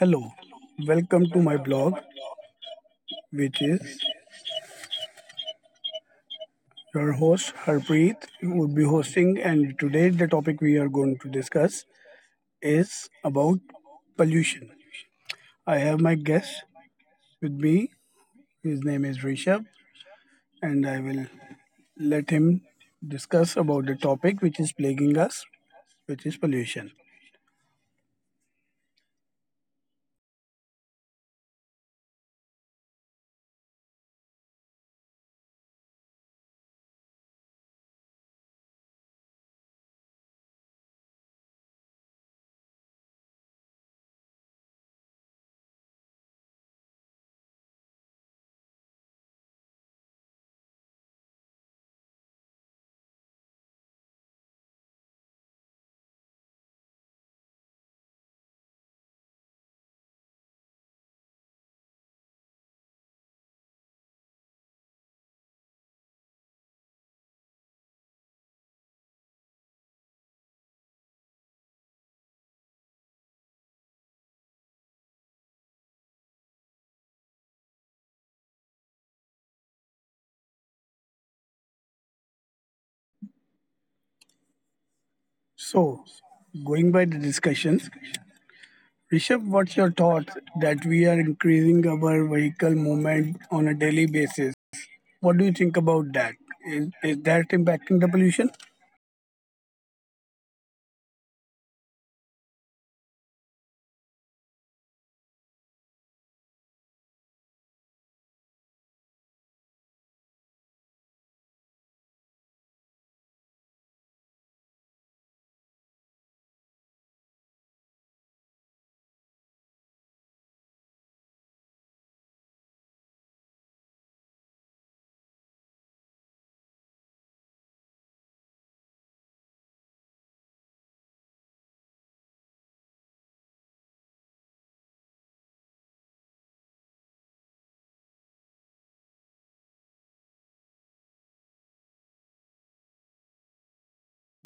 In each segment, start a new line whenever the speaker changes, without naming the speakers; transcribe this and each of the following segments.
Hello, welcome to my blog, which is your host Harpreet would be hosting, and today the topic we are going to discuss is about pollution. I have my guest with me. His name is Rishabh, and I will let him discuss about the topic which is plaguing us, which is pollution. So, going by the discussions, Rishabh, what's your thoughts that we are increasing our vehicle movement on a daily basis? What do you think about that? Is that impacting the pollution?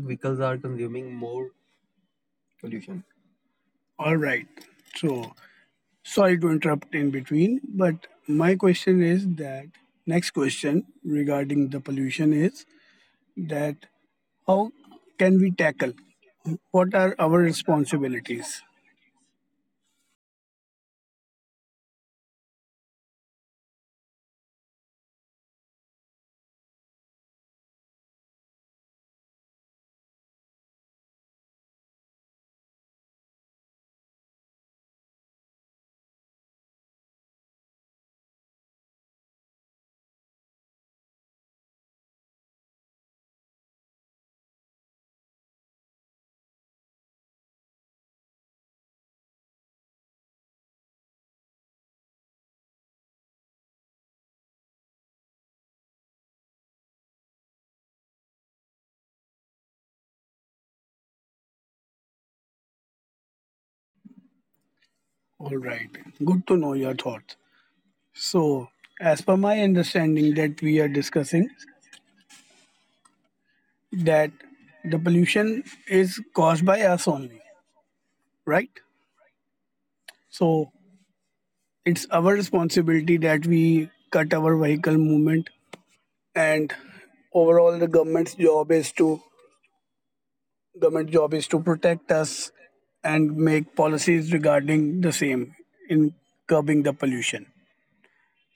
Vehicles are consuming more pollution. All right. So, sorry to interrupt in between, but my question is that next question regarding the pollution is that how can we tackle? What are our responsibilities? All right. Good to know your thoughts. So, as per my understanding that we are discussing, that the pollution is caused by us only, right? So, it's our responsibility that we cut our vehicle movement, and overall the government's job is to government job is to protect us and make policies regarding the same in curbing the pollution.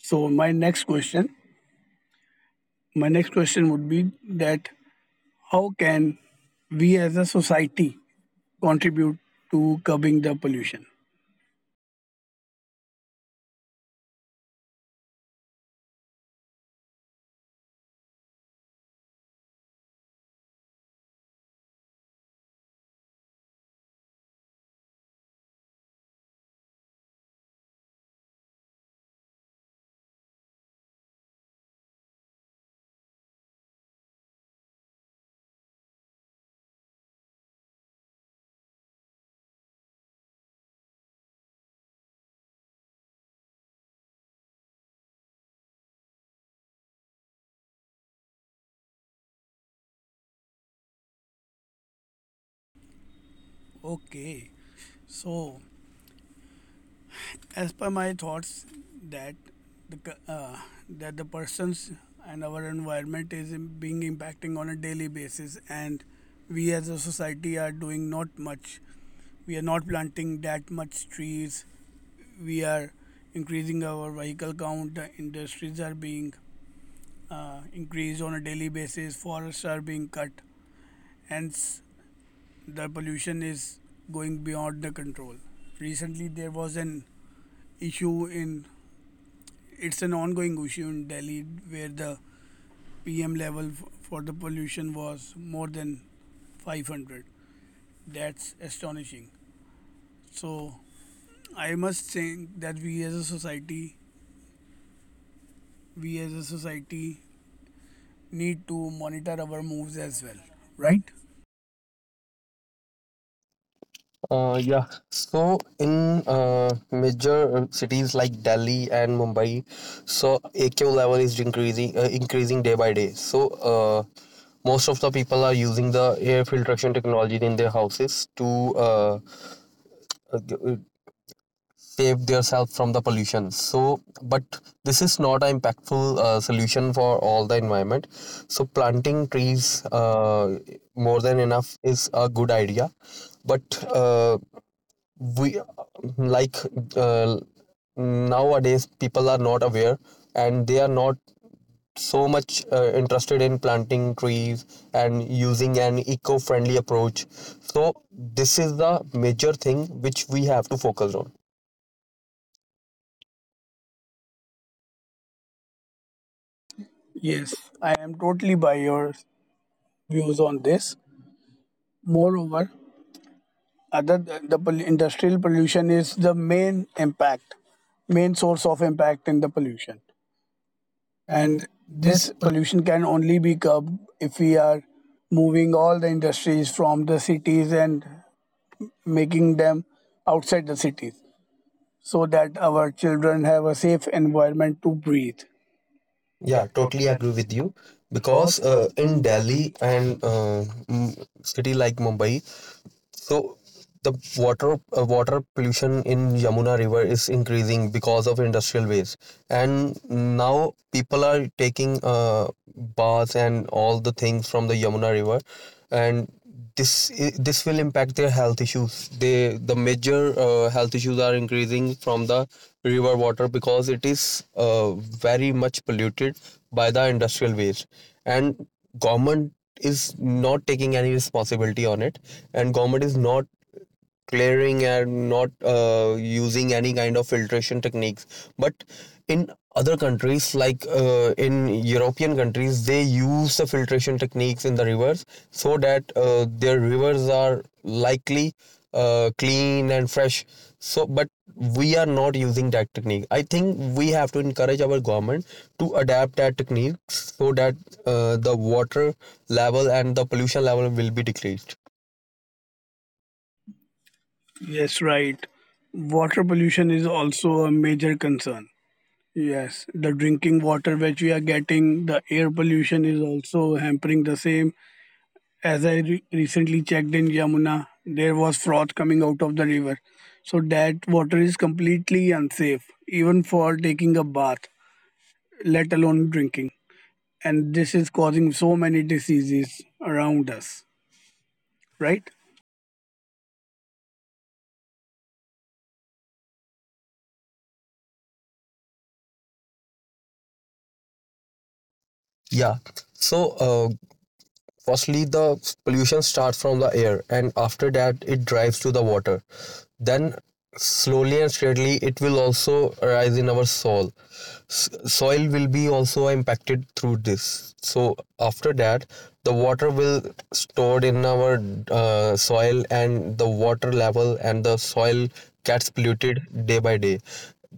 So my next question would be that how can we as a society contribute to curbing the pollution. Okay, so as per my thoughts, that the cu- uh, that the persons and our environment is being impacting on a daily basis, and we as a society are doing not much. We are not planting that much trees. We are increasing our vehicle count. The industries are being increased on a daily basis. Forests are being cut. Hence, the pollution is going beyond the control. Recently, there was an issue in it's an ongoing issue in Delhi where the PM level for the pollution was more than 500. That's astonishing. So I must say that we as a society need to monitor our moves as well, right?
Right? Yeah. So in major cities like Delhi and Mumbai, so AQ level is increasing day by day. So uh, most of the people are using the air filtration technology in their houses to uh, uh, uh, save themselves from the pollution. So, but this is not an impactful solution for all the environment. So planting trees more than enough is a good idea, but uh, we like uh, nowadays people are not aware and they are not so much interested in planting trees and using an eco-friendly approach, so this is the major thing which we have to focus on.
Yes, I am totally by your views on this. Moreover, other industrial pollution is the main impact main source of impact in the pollution,
And
and this
this,
pollution can only be curbed if we are moving all the industries from the cities and making them outside the cities so that our children have a safe environment to breathe. Yeah,
yeah, totally
totally
agree
agree with
with you
you.
because
Because
in
in
Delhi
Delhi.
and
And,
city like Mumbai, so the water pollution in Yamuna River is increasing because of industrial waste, and now people are taking baths and all the things from the Yamuna River, and this will impact their health issues. The major health issues are increasing from the river water because it is very much polluted by the industrial waste, and government is not taking any responsibility on it, and government is not clearing and not using any kind of filtration techniques. But in other countries like in European countries, they use the filtration techniques in the rivers so that their rivers are likely clean and fresh. So but we are not using that technique. I think we have to encourage our government to adapt that technique so that the water level and the pollution level will be decreased.
yes, right, water pollution is also a major concern. Yes, the drinking water which we are getting, the air pollution is also hampering the same. As I recently checked in Yamuna, there was froth coming out of the river. So that water is completely unsafe, even for taking a bath, let alone drinking. And this is causing so many diseases around us, right?
Yeah, so uh, firstly the pollution starts from the air and after that it drives to the water, then slowly and steadily it will also rise in our soul soil will be also impacted through this. So after that the water will stored in our soil and the water level and the soil gets polluted day by day,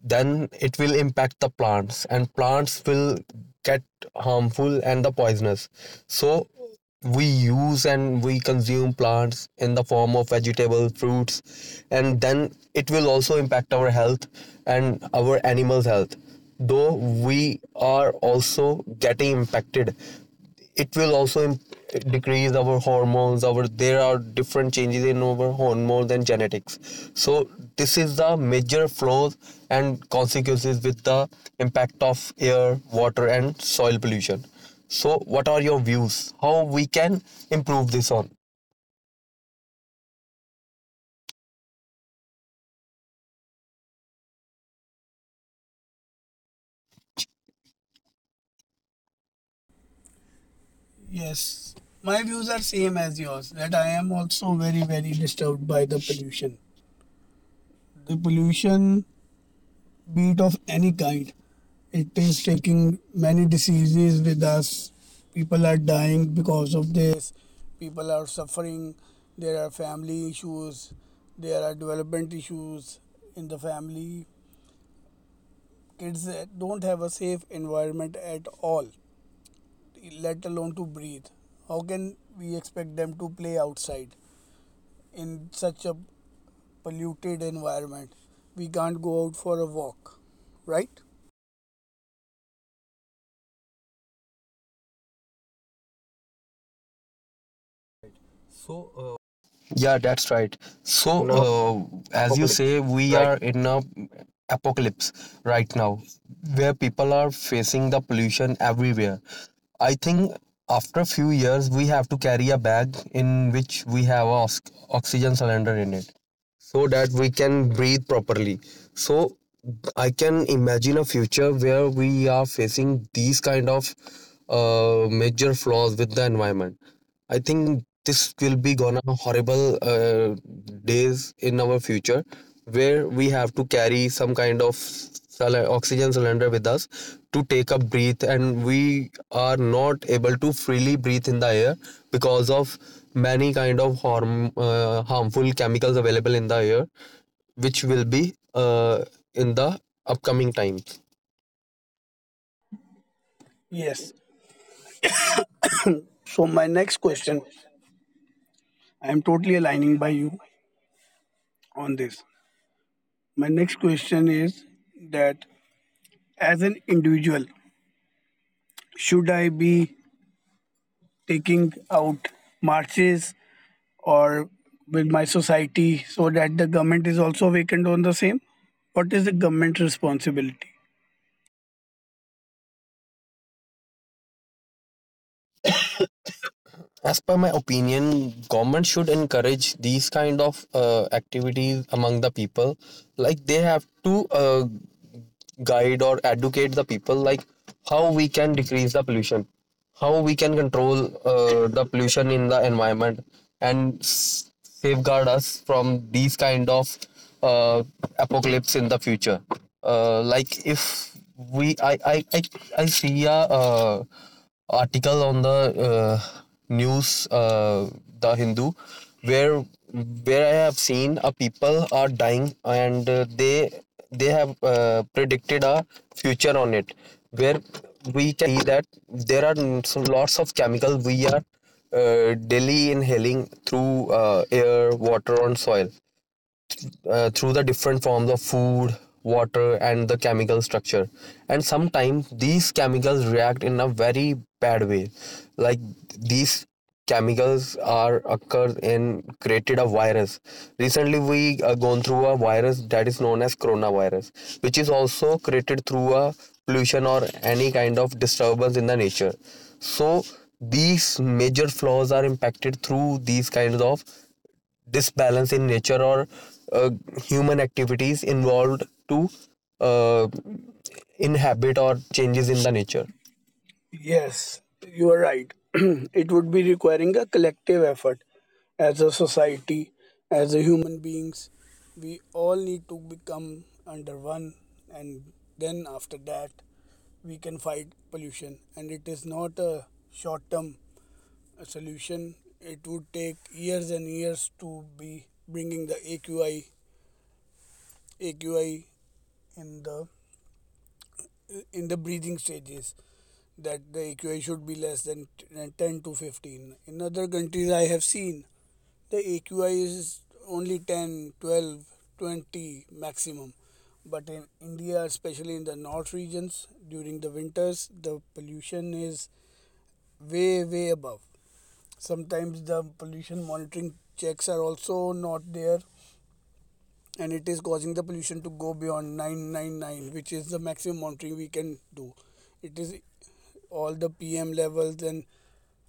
then it will impact the plants and plants will get harmful and the poisonous. So we use and we consume plants in the form of vegetable fruits and then it will also impact our health and our animals health, though we are also getting impacted. It will also decrease our hormones, our there are different changes in our hormones and genetics. So this is the major flaws and consequences with the impact of air, water, and soil pollution. So what are your views, how we can improve this on?
Yes,
Yes.
my
My
views
views are
are
same
same
as
as yours.
yours, that
That I
I
am
am
also
also
very
very
very
very disturbed
disturbed by
by
the
the
pollution.
pollution.
The
The
pollution,
pollution
be it
meat of
of any
any
kind,
kind.
it
It
is
is
taking
taking
many
many
diseases
diseases
with
with us.
us.
People
People are
are
dying
dying
because
because
of
of this.
this. People are suffering. There are family issues, there are development issues in the family. Kids don't have a safe environment at all, let alone to breathe. How can we expect them to play outside in such a polluted environment? We can't go out for a walk, right? So, uh,
Yeah, that's right. So,
now
as you
apocalypse,
say, we
right?
are in a apocalypse right now, where people are facing the pollution everywhere. I think after a few years, we have to carry a bag in which we have a oxygen cylinder in it, so that we can breathe properly. So, I can imagine a future where we are facing these kind of major flaws with the environment. I think this will be gonna horrible days in our future where we have to carry some kind of oxygen cylinder with us to take up breath and we are not able to freely breathe in the air because of many kind of harm, harmful chemicals available in the air, which will be in the upcoming times.
Yes. So my next question, I am totally aligning by you on this. My next question is that as an individual, should I be taking out marches or with my society so that the government is also awakened on the same? What is the government responsibility?
As per my opinion, government should encourage these kind of activities among the people, like they have to guide or educate the people like how we can decrease the pollution, how we can control the pollution in the environment and safeguard us from these kind of uh, apocalypse in the future. Like if we I see a uh, article on the uh, news, the Hindu, where where I have seen a people are dying and they have predicted a future on it, where we can see that there are lots of chemical we are daily inhaling through air, water, and soil through the different forms of food water and the chemical structure. And sometimes these chemicals react in a very bad way, like these chemicals are occurs in created a virus. Recently we gone through a virus that is known as coronavirus, which is also created through a pollution or any kind of disturbance in the nature. So these major flaws are impacted through these kinds of disbalance in nature or uh, human activities involved to uh, inhabit or changes in the nature.
Yes, you are right. It would be requiring a collective effort as a society, as a human beings. We all need to become under one, and then after that, we can fight pollution. And it is not a short term solution. It would take years and years to be bringing the AQI in the in the breathing stages that the AQI should be less than 10 to 15. In other countries, I have seen the AQI is only 10, 12, 20 maximum. But in India, especially in the north regions, during the winters, the pollution is way, way above. Sometimes the pollution monitoring checks are also not there, and it is causing the pollution to go beyond 999, which is the maximum monitoring we can do. It is all the PM levels and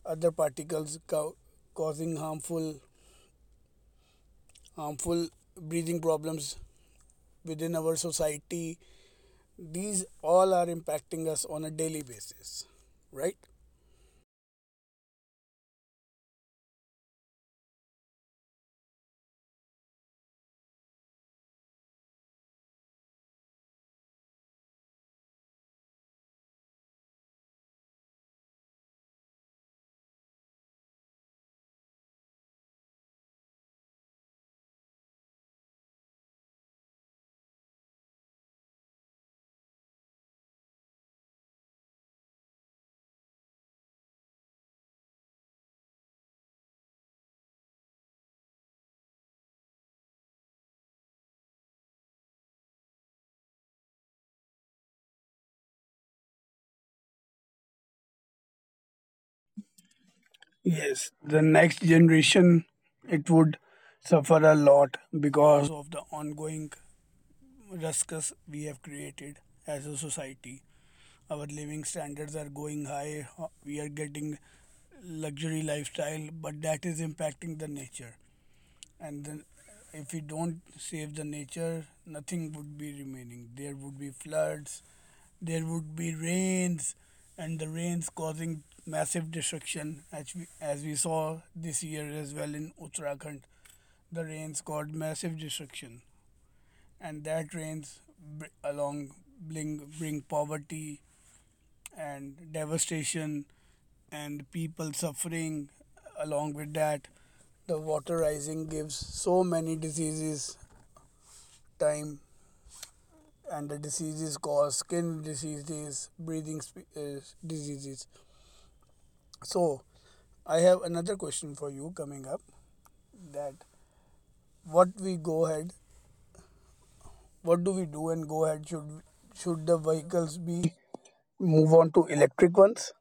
other particles causing harmful breathing problems within our society. These all are impacting us on a daily basis, right? Yes, the next generation it would suffer a lot because of the ongoing ruckus we have created as a society. Our living standards are going high. We are getting luxury lifestyle, but that is impacting the nature. And then, if we don't save the nature, nothing would be remaining. There would be floods, there would be rains, and the rains causing massive destruction. As we saw this year as well in Uttarakhand, the rains caused massive destruction, and that rains along bring poverty and devastation and people suffering along with that. The water rising gives so many diseases time, and the diseases cause skin diseases, breathing uh, diseases. So I have another question for you coming up, that what we go ahead, what do we do and go ahead, should the vehicles be move on to electric ones,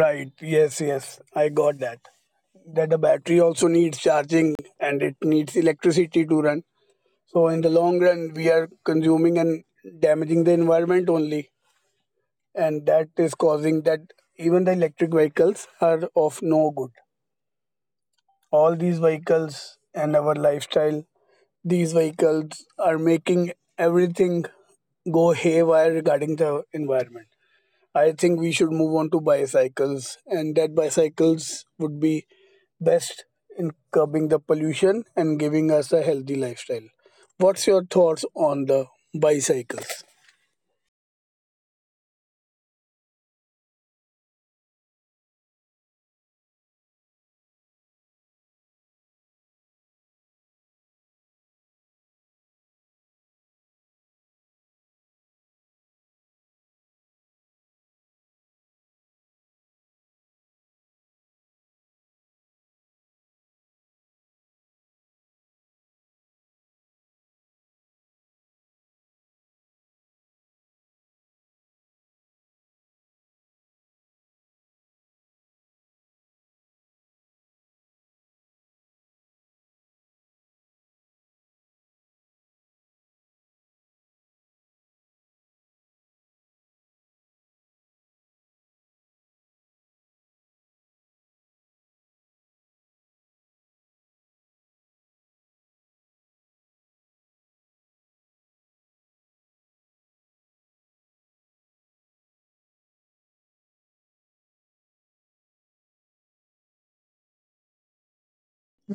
right? Yes. Yes, I got that, that the battery also needs charging and it needs electricity to run. So in the long run, we are consuming and damaging the environment only, and that is causing that even the electric vehicles are of no good. All these vehicles and our lifestyle, these vehicles are making everything go haywire regarding the environment. I think we should move on to bicycles, and that bicycles would be best in curbing the pollution and giving us a healthy lifestyle. What's your thoughts on the bicycles?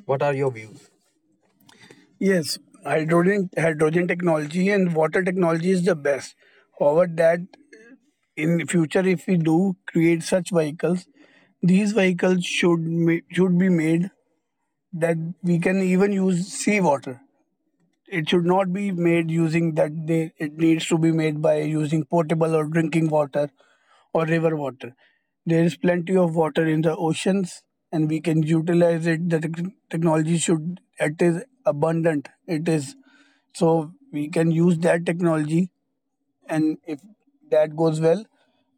What are your views? Yes, hydrogen technology and water technology is the best. However, that in future, if we do create such vehicles, these vehicles should be made that we can even use seawater. It should not be made using that, they, it needs to be made by using potable or drinking water or river water. There is plenty of water in the oceans, and we can utilize it. The technology should, it is abundant, it is, so we can use that technology. And if that goes well,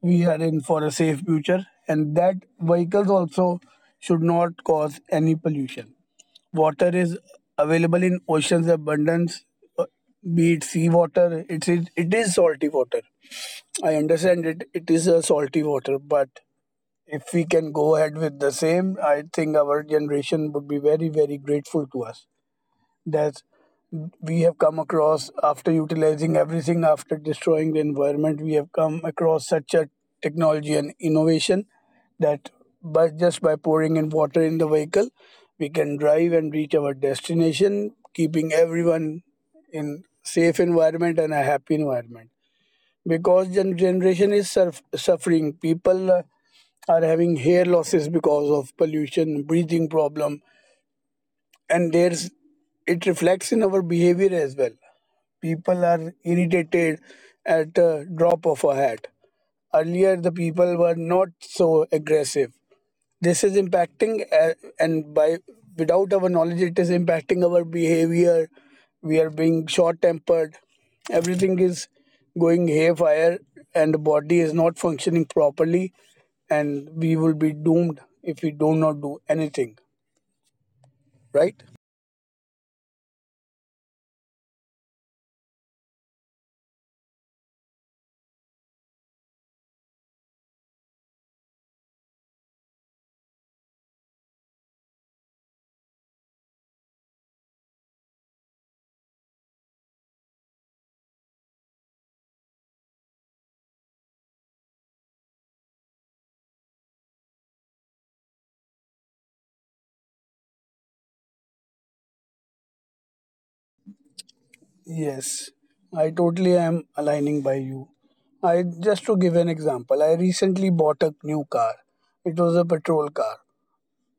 we are in for a safe future, and that vehicles also should not cause any pollution. Water is available in oceans abundance. Uh, be it sea water, it is salty water. I understand it is a salty water, but if we can go ahead with the same, I think our generation would be very very grateful to us that we have come across, after utilizing everything, after destroying the environment, we have come across such a technology and innovation, that by just by pouring in water in the vehicle, we can drive and reach our destination, keeping everyone in safe environment and a happy environment. Because generation is suffering. People are having hair losses because of pollution, breathing problem. And there's it reflects in our behavior as well. People are irritated at a drop of a hat. Earlier the people were not so aggressive. This is impacting, uh, and by without our knowledge, it is impacting our behavior. We are being short tempered. Everything is going haywire and the body is not functioning properly, and we will be doomed if we do not do anything, right? Yes, I totally am aligning by you. I just to give an example, I recently bought a new car. It was a petrol car,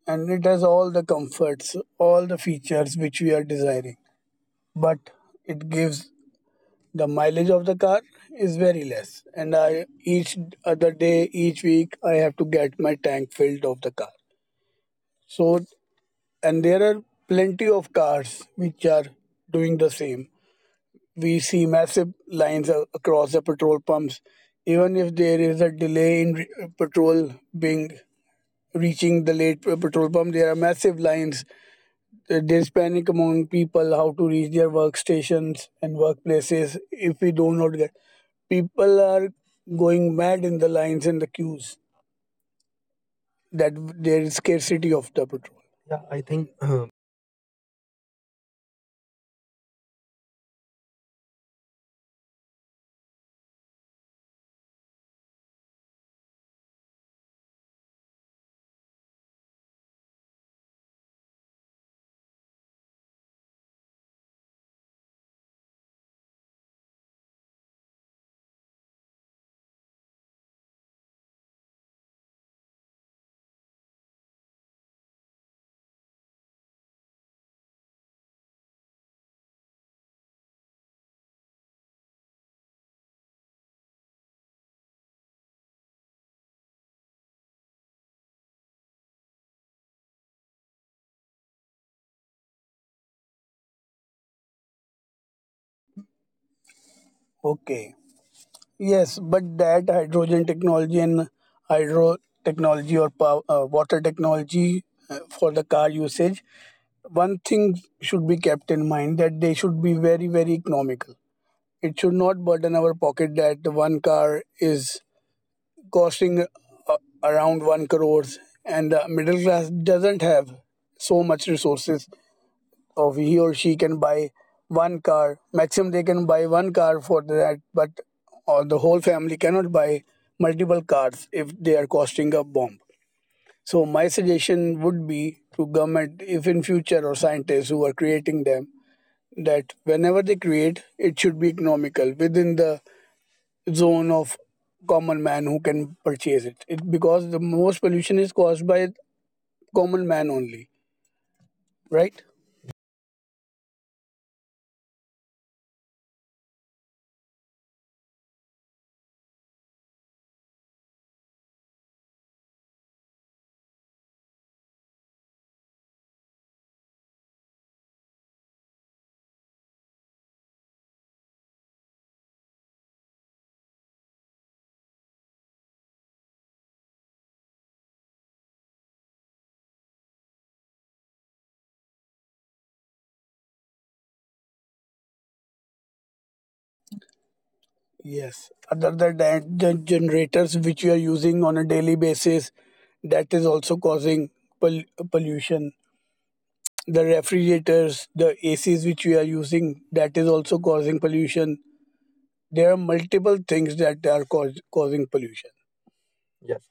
and it has all the comforts, all the features which we are desiring. But it gives the mileage of the car is very less, and I each other day, each week I have to get my tank filled of the car. So, and there are plenty of cars which are doing the same. We see massive lines across the petrol pumps. Even if there is a delay in petrol being reaching the petrol pump, there are massive lines. There's panic among people how to reach their workstations and workplaces if we do not get. People are going mad in the lines and the queues that there is scarcity of the petrol. Yeah, I think okay. Yes, but that hydrogen technology and hydro technology or water technology for the car usage, one thing should be kept in mind, that they should be very, very economical. It should not burden our pocket that one car is costing uh, around 1 crores, and the middle class doesn't have so much resources of he or she can buy one car maximum. They can buy one car for that, but or the whole family cannot buy multiple cars if they are costing a bomb. So my suggestion would be to government, if in future or scientists who are creating them, that whenever they create, it should be economical within the zone of common man who can purchase it because the most pollution is caused by common man only, right? Yes. Other than that, the generators which you are using on a daily basis, that is also causing pol- pollution. The refrigerators, the ACs which we are using, that is also causing pollution. There are multiple things that are causing pollution. Yes.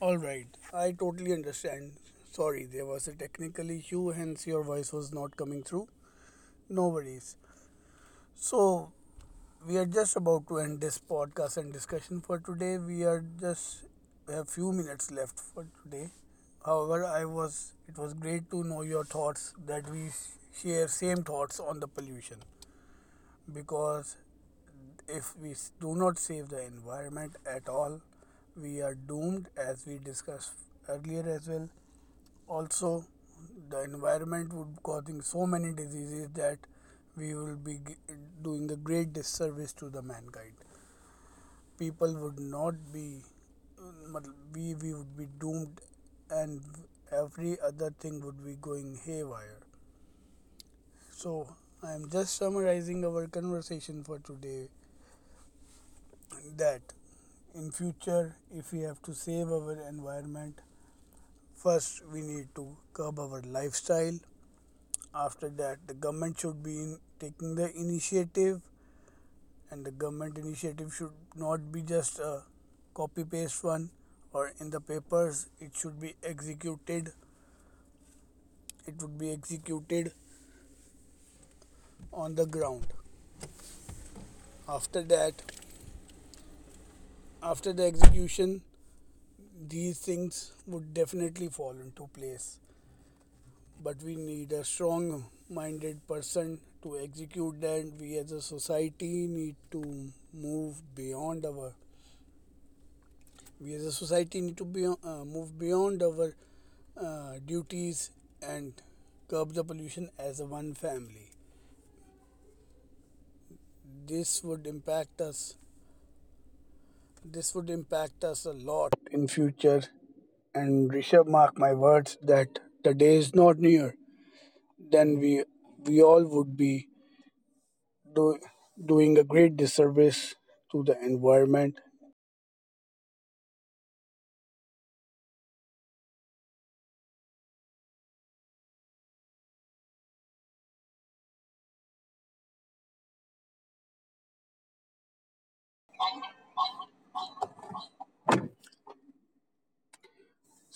All right. I totally understand. Sorry, there was a technical issue, hence your voice was not coming through. No worries. So, we are just about to end this podcast and discussion for today. We are just we have few minutes left for today. However, I was it was great to know your thoughts that we share same thoughts on the pollution, because if we do not save the environment at all, we are doomed, as we discussed earlier as well. Also, the environment would be causing so many diseases that we will be doing a great disservice to the mankind. People would not be मतलब, we would be doomed, and every other thing would be going haywire. So I am just summarizing our conversation for today, that in future, if we have to save our environment, first we need to curb our lifestyle. After that, the government should be in taking the initiative, and the government initiative should not be just a copy paste one or in the papers. It should be executed, it would be executed on the ground. After that, after the execution, these things would definitely fall into place. But we need a strong minded person to execute that. We as a society need to move beyond our. We as a society need to be, move beyond our duties and curb the pollution as a one family. This would impact us. This would impact us a lot in future. And Rishabh, mark my words that the day is not near. Then we all would be do, doing a great disservice to the environment.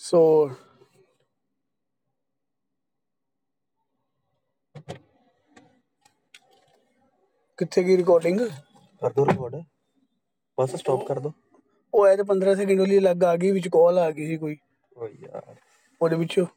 ਸੋ ਕਿੱਥੇ ਗਈ recording? ਉਹ ਐ, ਤਾਂ 15 second ਲਈ ਅਲੱਗ ਆ ਗਈ, ਵਿੱਚ ਕਾਲ ਆ ਗਈ ਸੀ ਕੋਈ ਉਹਦੇ ਵਿੱਚੋਂ।